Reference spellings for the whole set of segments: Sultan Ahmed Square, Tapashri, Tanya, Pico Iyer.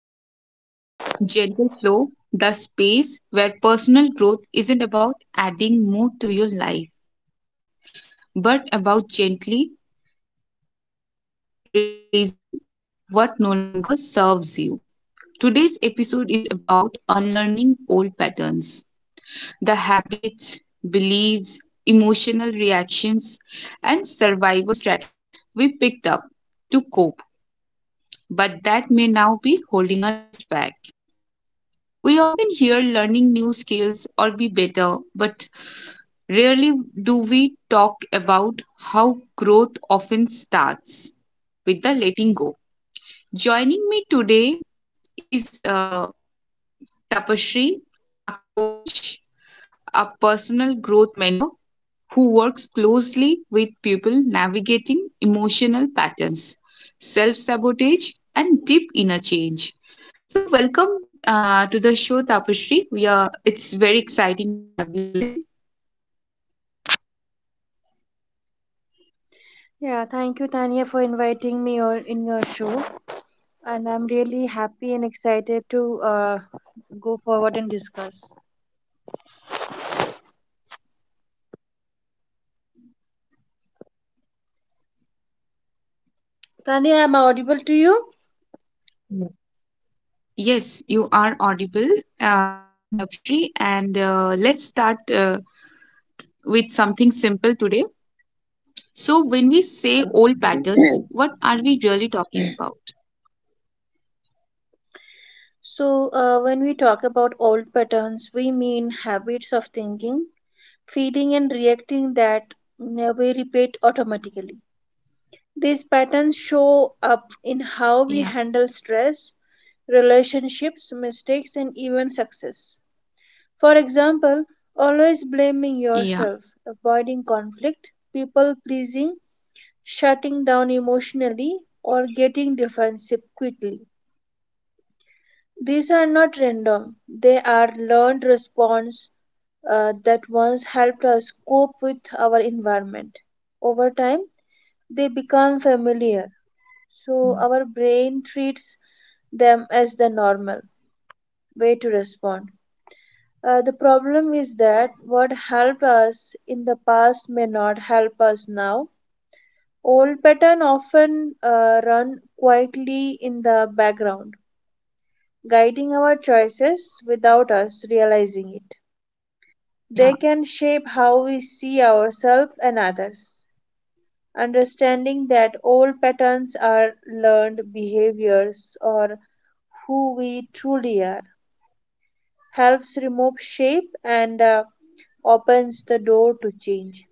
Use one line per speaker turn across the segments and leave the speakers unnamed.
back to Gentle Flow, the space where personal growth isn't about adding more to your life, but about gently releasing what no longer serves you. Today's episode is about unlearning old patterns: the habits, beliefs, emotional reactions, and survival strategies we picked up to cope, but that may now be holding us back. We often hear learning new skills or be better, but rarely do we talk about how growth often starts with the letting go. Joining me today is Tapashri, a coach, a personal growth mentor who works closely with people navigating emotional patterns, self sabotage, and deep inner change. So, welcome to the show, Tapashri. We are. It's very exciting to have you today.
Yeah, thank you, Tanya, for inviting me on in your show. And I'm really happy and excited to uh, go forward and discuss. Tanya, am I audible to you?
Yes, you are audible, Tapshri, and let's start with something simple today. So, when we say old patterns, what are we really talking about?
So, when we talk about old patterns, we mean habits of thinking, feeling, and reacting that we repeat automatically. These patterns show up in
Yeah,
how we handle stress, relationships, mistakes, and even success. For example, always
yeah,
blaming yourself, avoiding conflict, people pleasing, shutting down emotionally, or getting defensive quickly. These are not random, they are learned response that once helped us cope with our environment. Over time, they become familiar, so our brain treats them as the normal way to respond. The problem is that what helped us in the past may not help us now. Old patterns often run quietly in the background, guiding our choices without us realizing it. They can
yeah,
shape how we see ourselves and others. Understanding that old patterns are learned behaviors or who we truly are helps remove shape and opens the door to change.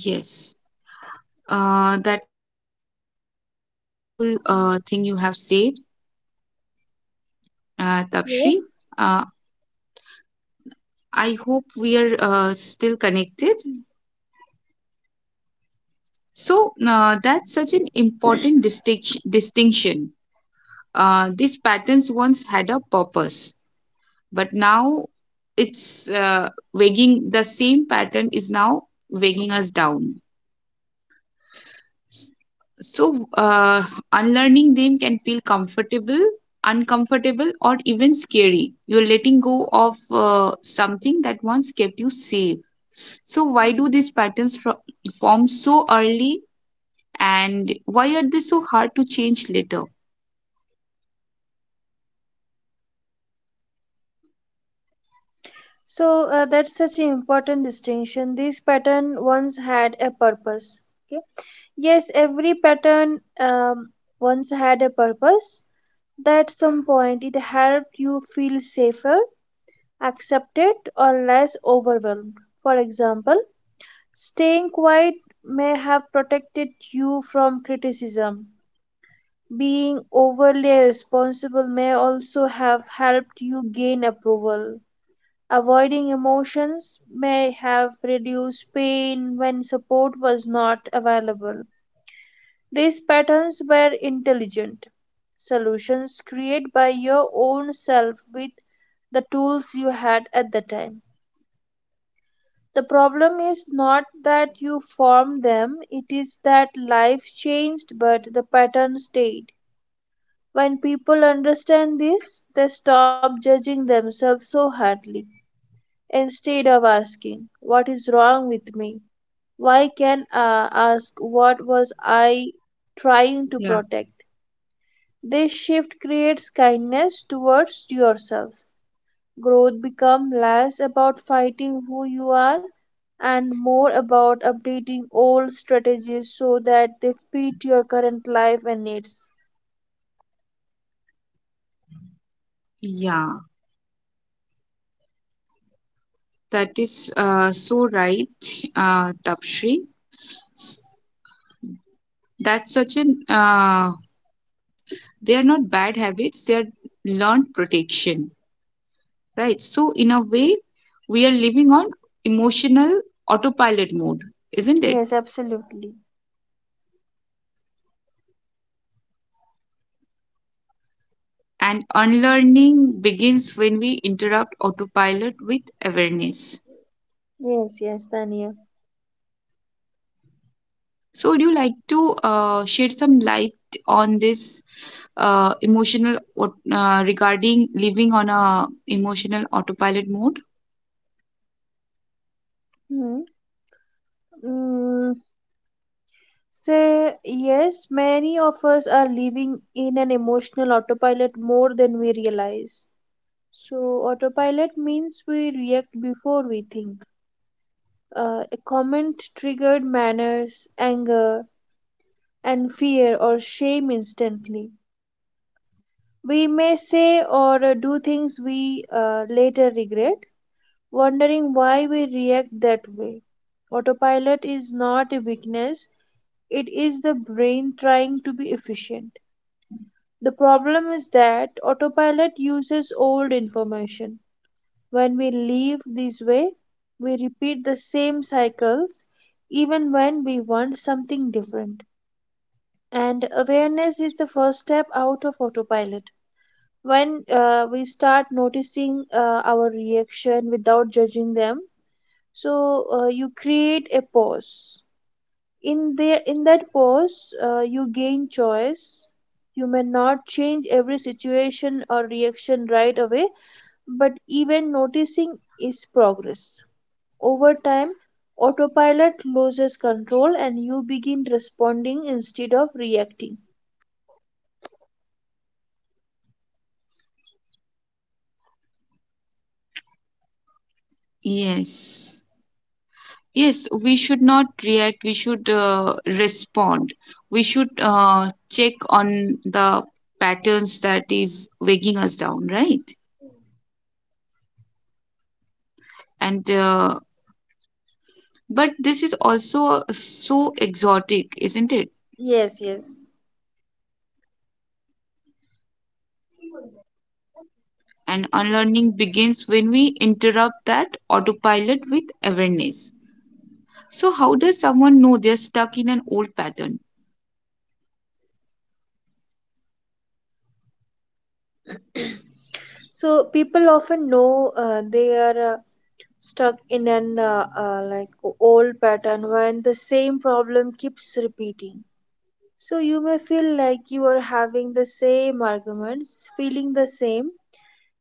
yes. That is such a wonderful thing you have said, Tapshri.
Yes.
Uh, I hope we are still connected. So, that's such an important distinction. These patterns once had a purpose, but now it's weighing the same pattern is now weighing us down, so unlearning them can feel comfortable uncomfortable or even scary. You're letting go of something that once kept you safe. So why do these form so early, and why are they so hard to change later?
That's such an important distinction. These pattern once had a purpose. Okay. Yes, every pattern once had a purpose. At some point, it helped you feel safer, accepted, or less overwhelmed. For example, staying quiet may have protected you from criticism. Being overly responsible may also have helped you gain approval. Avoiding emotions may have reduced pain when support was not available. These patterns were intelligent solutions created by your own self with the tools you had at the time. The problem is not that you formed them, it is that life changed but the pattern stayed. When people understand this, they stop judging themselves so hardly. Instead of asking, what is wrong with me? Why can I ask, what was I
Yeah,
trying to protect? This shift creates kindness towards yourself. Growth becomes less about fighting who you are and more about updating old strategies so that they fit your current life and needs.
yeah, that is so right, Tapshri. That's such an They are not bad habits, they are learned protection, right? So, in a way, we are living on emotional autopilot mode, isn't it?
Yes, absolutely.
And unlearning begins when we interrupt autopilot with awareness.
Yes, yes, Tania.
So, would you like to shed some light on this emotional what regarding living on a emotional autopilot mode?
Hmm. Mm, So, yes, many of us are living in an emotional autopilot more than we realize. So, autopilot means we react before we think. A comment triggered manners, anger, and fear or shame instantly. We may say or do things we later regret, wondering why we react that way. Autopilot is not a weakness, it is the brain trying to be efficient. The problem is that autopilot uses old information. When we live this way, we repeat the same cycles even when we want something different. And awareness is the first step out of autopilot. When we start noticing our reaction without judging them, so you create a pause in there, in that pause, you gain choice. You may not change every situation or reaction right away, but even noticing is progress. Over time, autopilot loses control and you begin responding instead of reacting.
Yes. Yes, we should not react. We should respond. We should check on the patterns that is weighing us down, right? And but this is also so exotic, isn't it?
Yes, yes.
And unlearning begins when we interrupt that autopilot with awareness. So, how does someone know they're stuck in an old pattern?
So people often know they are stuck in an old pattern when the same problem keeps repeating. So you may feel like you are having the same arguments, feeling the same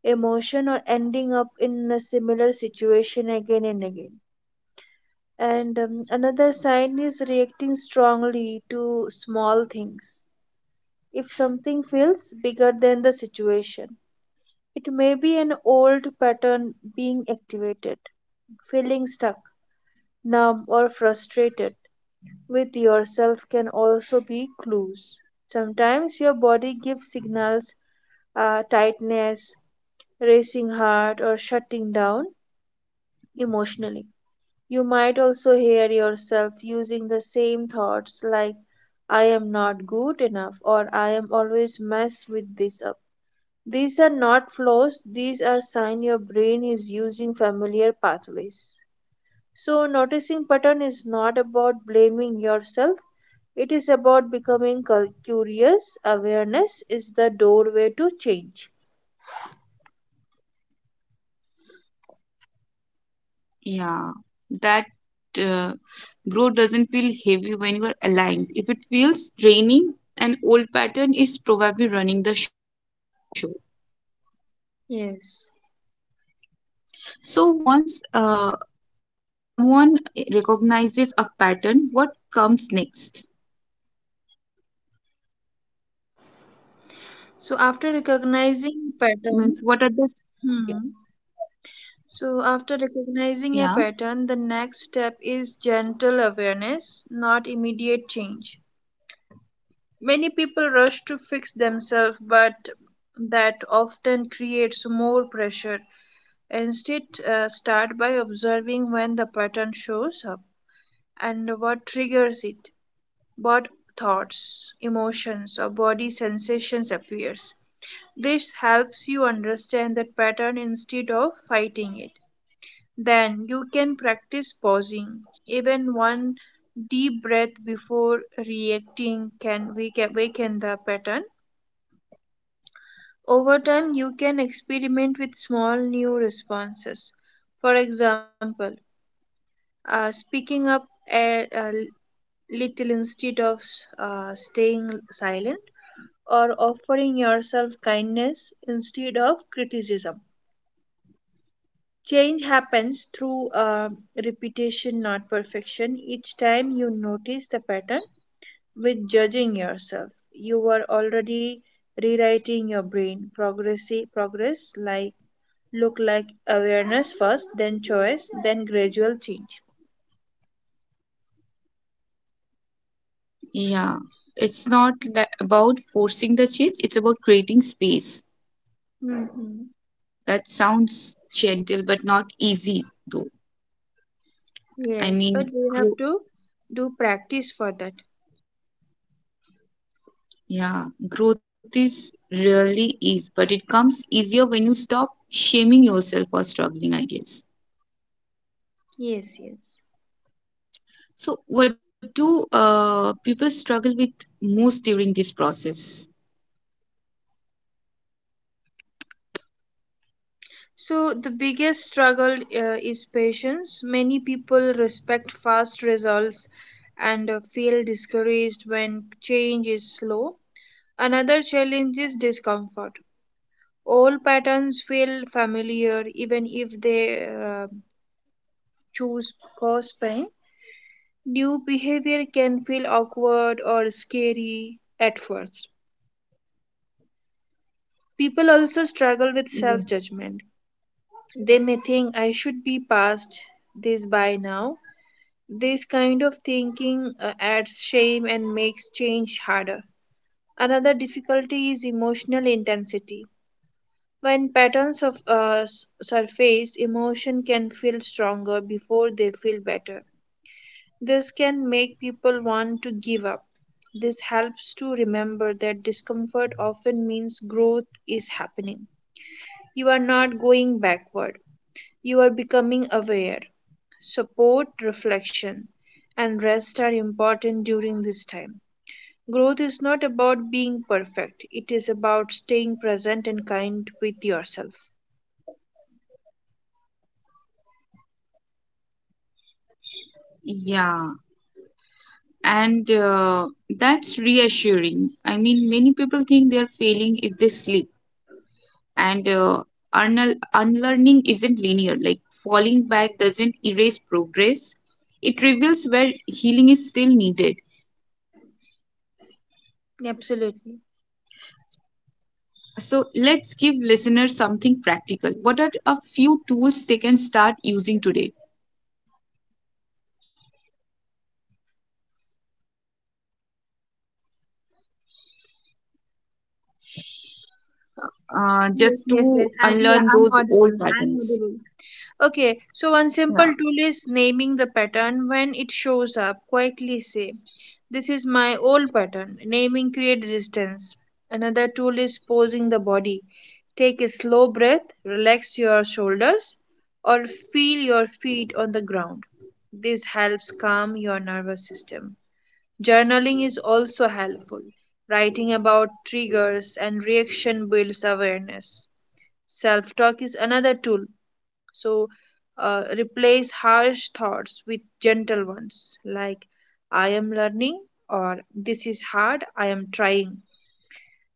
emotion, or ending up in a similar situation again and again. And another sign is reacting strongly to small things. If something feels bigger than the situation, it may be an old pattern being activated, feeling stuck, numb, or frustrated with yourself can also be clues. Sometimes your body gives signals, tightness, racing heart, or shutting down emotionally. You might also hear yourself using the same thoughts like, I am not good enough, or I am always mess with this up. These are not flaws, these are signs your brain is using familiar pathways. So noticing pattern is not about blaming yourself. It is about becoming curious. Awareness is the doorway to change.
Yeah, that uh, growth doesn't feel heavy when you are aligned. If it feels draining, an old pattern is probably running the show.
Yes.
So once someone recognizes a pattern, what comes next?
So after recognizing
Means
pattern,
what are the
hmm. So after recognizing a
Yeah,
pattern, the next step is gentle awareness, not immediate change. Many people rush to fix themselves, but that often creates more pressure. Instead, start by observing when the pattern shows up and what triggers it, what thoughts, emotions, or body sensations appears. This helps you understand that pattern instead of fighting it. Then you can practice pausing. Even one deep breath before reacting can awaken the pattern. Over time, you can experiment with small new responses. For example, speaking up a little instead of staying silent, or offering yourself kindness instead of criticism. Change happens through repetition, not perfection. Each time you notice the pattern with judging yourself, you are already rewriting your brain. Progress like look like awareness first, then choice, then gradual change.
yeah. It's not about forcing the change, it's about creating space.
Mhm.
That sounds gentle but not easy, though. I
Yes,
mean,
but we have to do practice for that.
Yeah, growth is really is, but it comes easier when you stop shaming yourself for struggling, I guess.
Yes, yes.
So, what do people struggle with most during this process?
So the biggest struggle is patience. Many people respect fast results and feel discouraged when change is slow. Another challenge is discomfort. Old patterns feel familiar even if they choose cause pain. New behavior can feel awkward or scary at first. People also struggle with self
Yeah.
judgment. They may think I should be past this by now. This kind of thinking adds shame and makes change harder. Another difficulty is emotional intensity. When patterns of surface, emotion can feel stronger before they feel better. This can make people want to give up. This helps to remember that discomfort often means growth is happening. You are not going backward, you are becoming aware. Support, reflection, and rest are important during this time. Growth is not about being perfect, it is about staying present and kind with yourself.
Yeah, and that's reassuring. I mean, many people think they're failing if they sleep, and unlearning isn't linear. Like, falling back doesn't erase progress, it reveals where healing is still needed.
Absolutely.
So let's give listeners something practical. What are a few tools they can start using today
Yes,
just
yes,
to
yes. And yeah,
unlearn
I'm
those old
audible. I'm
patterns?
audible. Okay, so one
Yeah.
simple tool is naming the pattern when it shows up. Quietly say, this is my old pattern. Naming creates distance. Another tool is posing the body. Take a slow breath, relax your shoulders, or feel your feet on the ground. This helps calm your nervous system. Journaling is also helpful. Writing about triggers and reaction builds awareness. Self talk is another tool. So replace
Yeah.
harsh thoughts with gentle ones
And
like
anything else
I
you'd
am
like to
learning
add on
or
this?
this is hard, I am trying.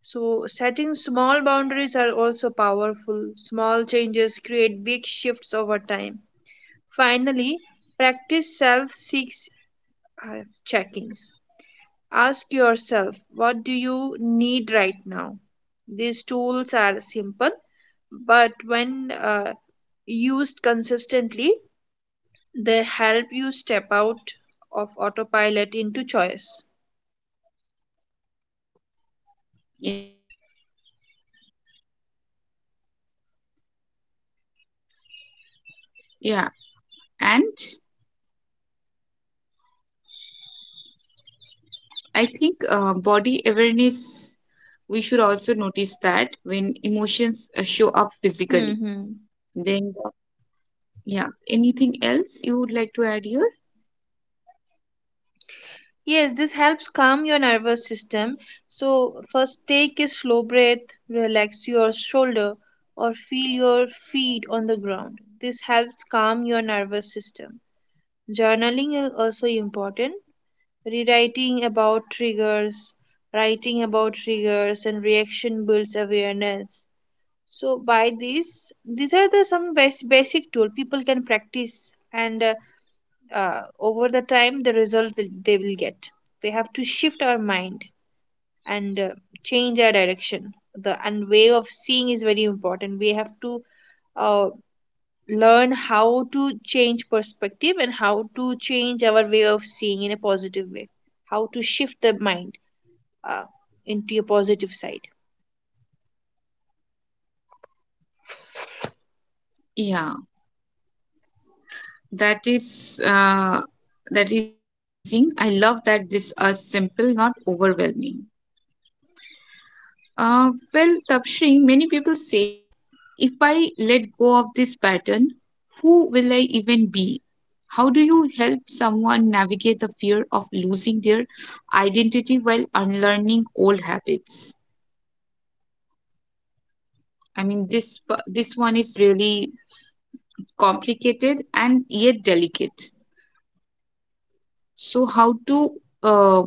So, setting small boundaries are also powerful. Small changes create big shifts over time. Finally, practice self six uh, check ins. Ask yourself, what do you need right now? These tools are simple, but when used consistently, they help you step out of autopilot into choice.
Yeah. Yeah. And I think body awareness, we should also notice that when emotions show up physically.
Mm-hmm.
Then, yeah. Anything else you would like to add here?
Yes, this helps calm your nervous system. So, first take a slow breath, relax your shoulder, or feel your feet on the ground. This helps calm your nervous system. Journaling is also important. Rewriting about triggers, writing about triggers and reaction builds awareness. So by this these are the some basic tool people can practice and over the time the result will, they will get we have to shift our mind and change our direction the and way of seeing is very important we have to uh, learn how to change perspective and how to change our way of seeing in a positive way, how to shift the mind uh, into a positive side.
Yeah. That is like amazing. I love that this is simple, not overwhelming. Well, Tapshri, many people say, if I let go of this pattern, who will I even be? How do you help someone navigate the fear of losing their identity while unlearning old habits? I mean, this one is really complicated and yet delicate. So, how to uh,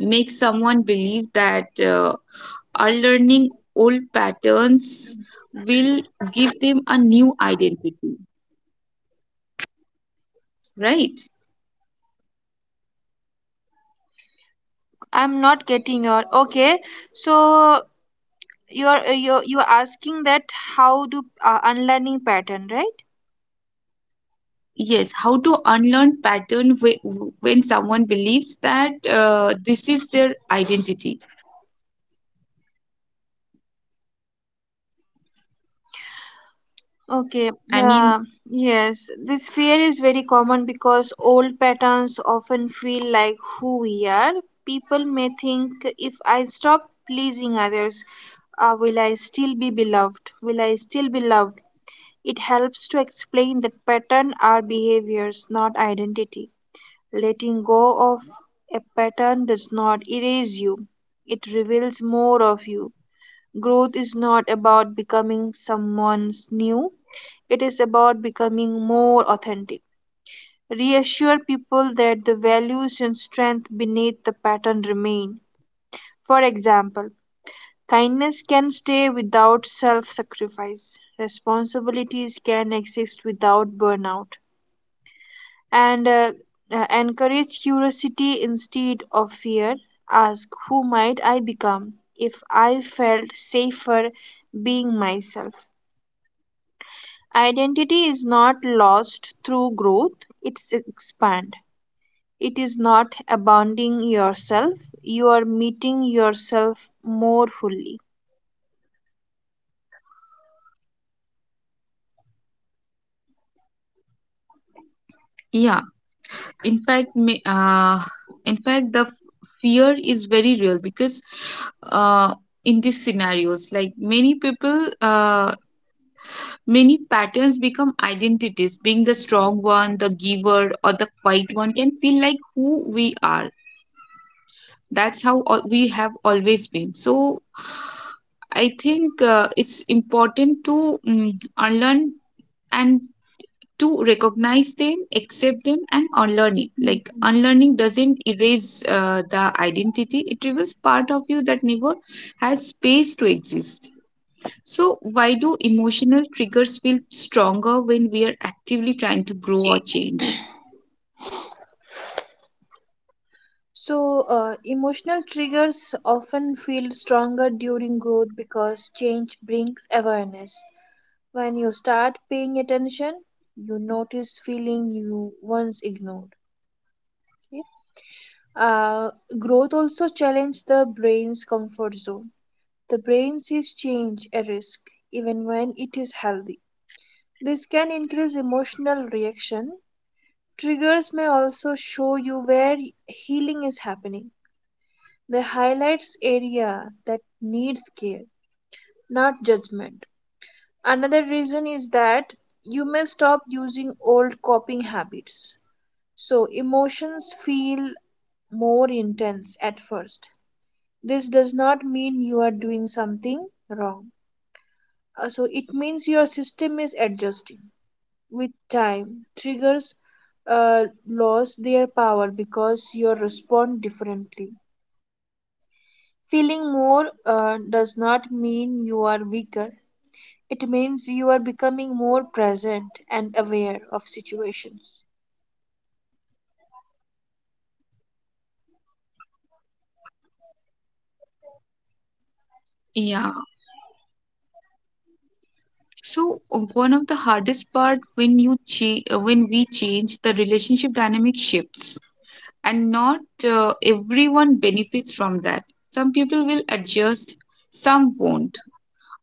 make someone believe that unlearning old patterns will give them a new identity, right?
I'm not getting your. Okay. So you're asking that how do unlearning pattern, right?
Yes, how to when someone
Mhm.
believes that this is their identity. I
Okay.
mean,
Uh, yes this fear is very common because old patterns often feel like who we are. People may think if I stop pleasing others, will I still be beloved, will I still be loved? It helps to explain that pattern are behaviors not identity. Letting go of a pattern does not erase you, it reveals more of you. Growth is not about becoming someone new, it is about becoming more authentic. Reassure people that the values and strength beneath the pattern remain. For example, kindness can stay without self sacrifice, responsibilities can exist without burnout. And encourage curiosity instead of fear. Ask who might I become if I felt safer being myself. Identity is not lost through growth, it's expand. It is not abandoning yourself, you are meeting yourself more fully.
yeah, in fact, in fact fear is very real, because uh, in these scenarios, like, many people many patterns become identities. Being the strong one, the giver, or the quiet one can feel like who we are. We have always been. So, I think it's important to unlearn and to recognize them, accept them, and unlearn it. Like,
Mhm.
unlearning doesn't erase the identity; it reveals part of you that never had space to exist. So, why do emotional triggers feel stronger when we are actively trying to grow or change?
So, emotional triggers often feel stronger during growth because change brings awareness. When you start paying attention, you notice feeling you once ignored. Okay? Uh, growth also challenges the brain's comfort zone. The brain sees change a risk, even when it is healthy. This can increase emotional reaction. Triggers may also show you where healing is happening. They highlights area that needs care, not judgment. Another reason is that you may stop using old coping habits. So emotions feel more intense at first. This does not mean you are doing something wrong. So it means your system is adjusting. With time, triggers lose their power because you respond differently. Feeling more does not mean you are weaker. It means you are becoming more present and aware of situations.
Yeah. So, one of the hardest part when when we change, the relationship dynamic shifts, and not everyone benefits from that. Some people will adjust, some won't.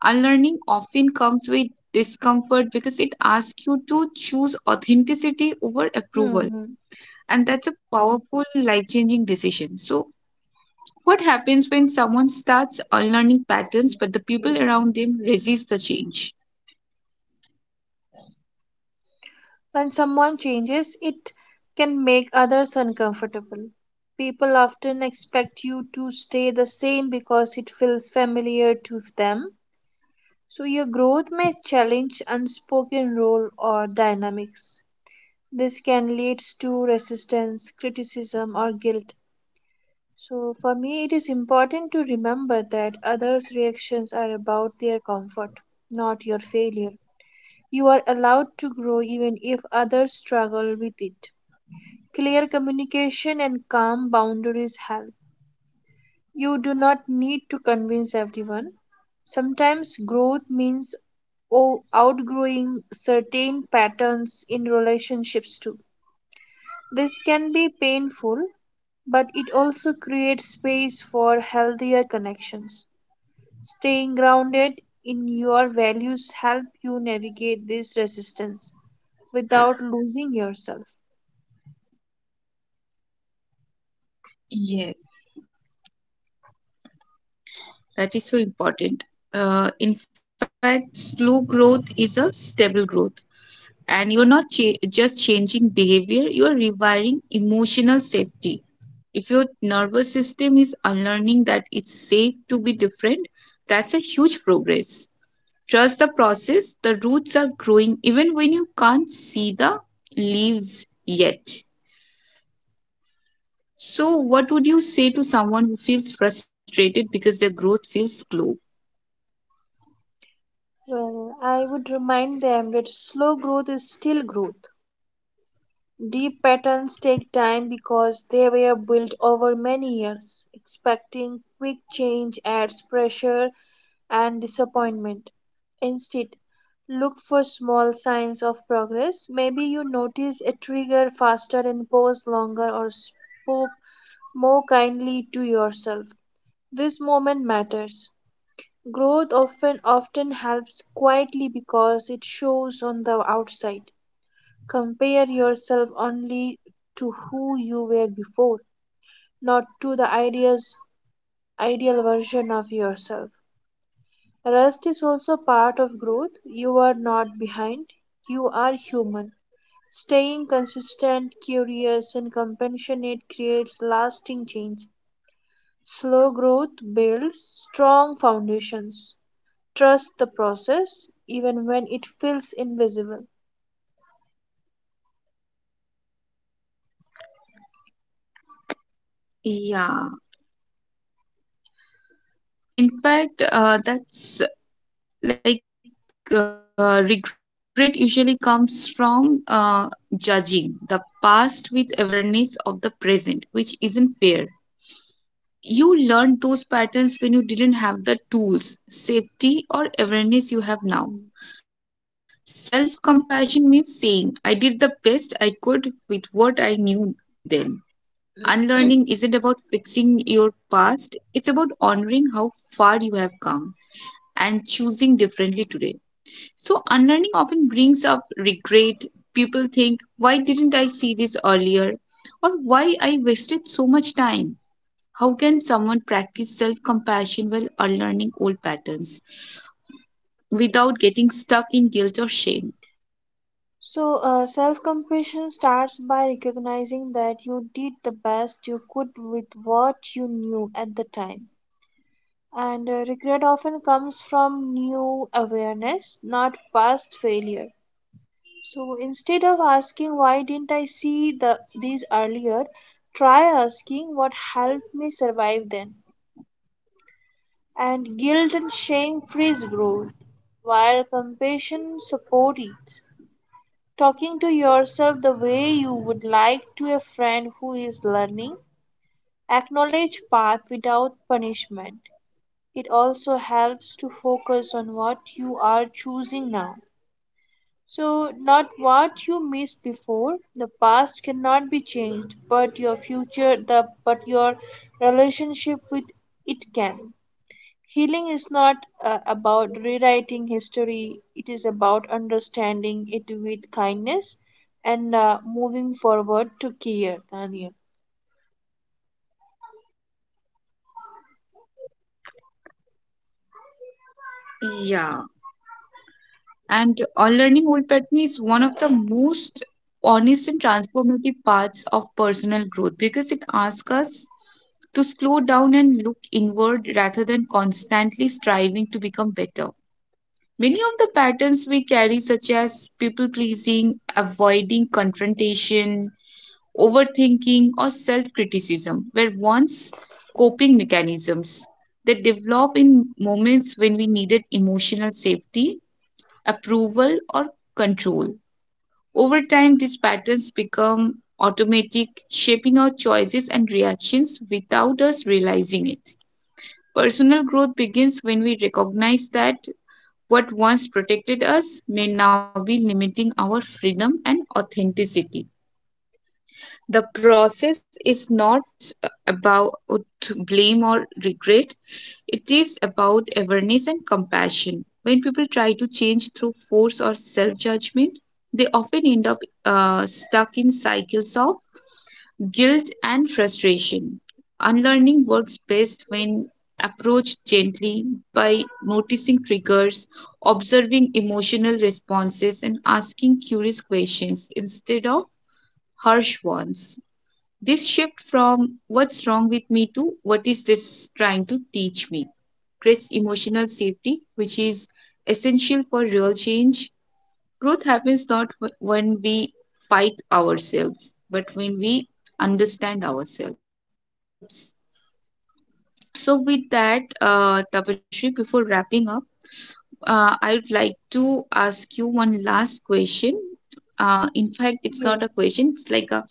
Unlearning often comes with discomfort because it asks you to choose authenticity over approval,
Hmm.
and that's a powerful life-changing decision. So, what happens when someone starts unlearning patterns but the people around them resist the change?
When someone changes, it can make others uncomfortable. People often expect you to stay the same because it feels familiar to them. So, your growth may challenge unspoken role or dynamics. This can lead to resistance, criticism, or guilt. So, for me, it is important to remember that others' reactions are about their comfort, not your failure. You are allowed to grow even if others struggle with it. Clear communication and calm boundaries help. You do not need to convince everyone. Sometimes growth means outgrowing certain patterns in relationships too. This can be painful, but it also creates space for healthier connections. Staying grounded in your values help you navigate this resistance without losing yourself.
Yes. That is so important. In fact, slow growth is a stable growth, and you're not cha- just changing behavior, you're rewiring emotional safety. If your nervous system is unlearning that it's safe to be different, that's a huge progress. Trust the process, the roots are growing even when you can't see the leaves yet. So, what would you say to someone who feels frustrated because their growth feels slow?
Well, I would remind them that slow growth is still growth. Deep patterns take time because they were built over many years. Expecting quick change adds pressure and disappointment. Instead, look for small signs of progress. Maybe you notice a trigger faster and pause longer or spoke more kindly to yourself. This moment matters. Growth often helps quietly because it shows on the outside. Compare yourself only to who you were before, not to the ideas ideal version of yourself. Rest is also part of growth. You are not behind. You are human. Staying consistent, curious, and compassionate creates lasting change. Slow growth builds strong foundations. Trust the process even when it feels invisible.
Yeah, in fact, that's like regret usually comes from judging the past with awareness of the present, which isn't fair. You learned those patterns when you didn't have the tools, safety, or awareness you have
Mm.
now. Self compassion means saying, I did the best I could with what I knew then. Unlearning isn't about fixing your past, it's about honoring how far you have come and choosing differently today. So, unlearning often brings up regret. People think, why didn't I see this earlier? Or why I wasted so much time? How can someone practice self compassion while unlearning old patterns without getting stuck in guilt or shame?
So, self compassion starts by recognizing that you did the best you could with what you knew at the time. And regret often comes from new awareness, not past failure. So, instead of asking why didn't I see these earlier, try asking what helped me survive then. And guilt and shame freeze growth, while compassion supports it. Talking to yourself the way you would like to a friend who is learning, acknowledge path without punishment. It also helps to focus on what you are choosing now. So, not what you missed before. The past cannot be changed, but your future, the but your relationship with it can. Healing is not about rewriting history, it is about understanding it with kindness and moving forward to care, Tanya.
Yeah. And unlearning old patterns is one of the most honest and transformative parts of personal growth because it asks us to slow down and look inward rather than constantly striving to become better. Many of the patterns we carry, such as people pleasing, avoiding confrontation, overthinking, or self criticism, were once coping mechanisms that develop in moments when we needed emotional safety, approval, or control. Over time, these patterns become automatic, shaping our choices and reactions without us realizing it. Personal growth begins when we recognize that what once protected us may now be limiting our freedom and authenticity. The process is not about blame or regret, it is about awareness and compassion. When people try to change through force or self judgment, they often end up stuck in cycles of guilt and frustration. Unlearning works best when approached gently, by noticing triggers, observing emotional responses, and asking curious questions instead of harsh ones. This shift from what's wrong with me to what is this trying to teach me creates emotional safety, which is essential for real change. Growth happens not wh- when we fight ourselves, but when we understand ourselves. So, with that, Tapashri, before wrapping up, I would like to ask you one last question. In fact, it's not a
Yes.
question, it's like a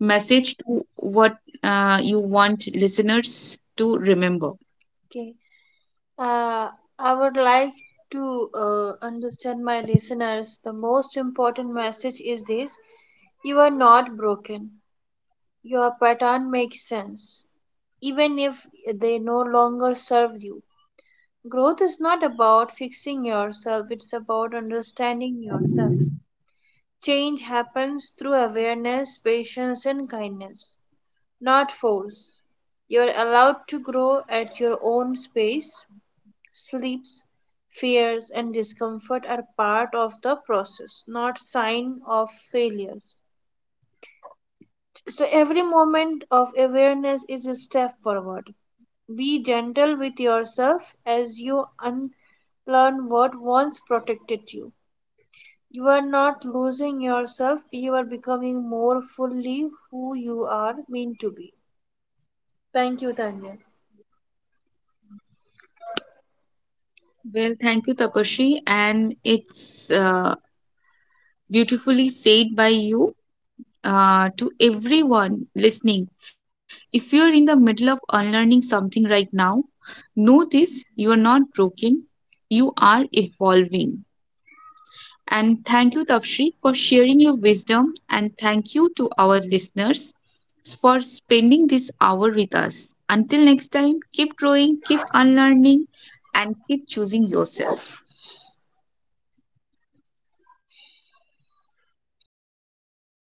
message to what you want listeners to remember?
Okay. Uh, I would like to understand my listeners. The most important message is this, you are not broken. Your pattern makes sense, even if they no longer serve you. Growth is not about fixing yourself, it's about understanding yourself. Change happens through awareness, patience, and kindness, not force. You're allowed to grow at your own pace. Sleeps, fears, and discomfort are part of the process, not sign of failures. So every moment of awareness is a step forward. Be gentle with yourself as you unlearn what once protected you. You are not losing yourself, you are becoming more fully who you are meant to be. Thank you, Tanya.
Well, thank you, Tapashri, and it's beautifully said by you to everyone listening. If you're in the middle of unlearning something right now, know this: you are not broken, you are evolving. And thank you, Tapshri, for sharing your wisdom. And thank you to our listeners for spending this hour with us. Until next time, keep growing, keep unlearning, and keep choosing yourself.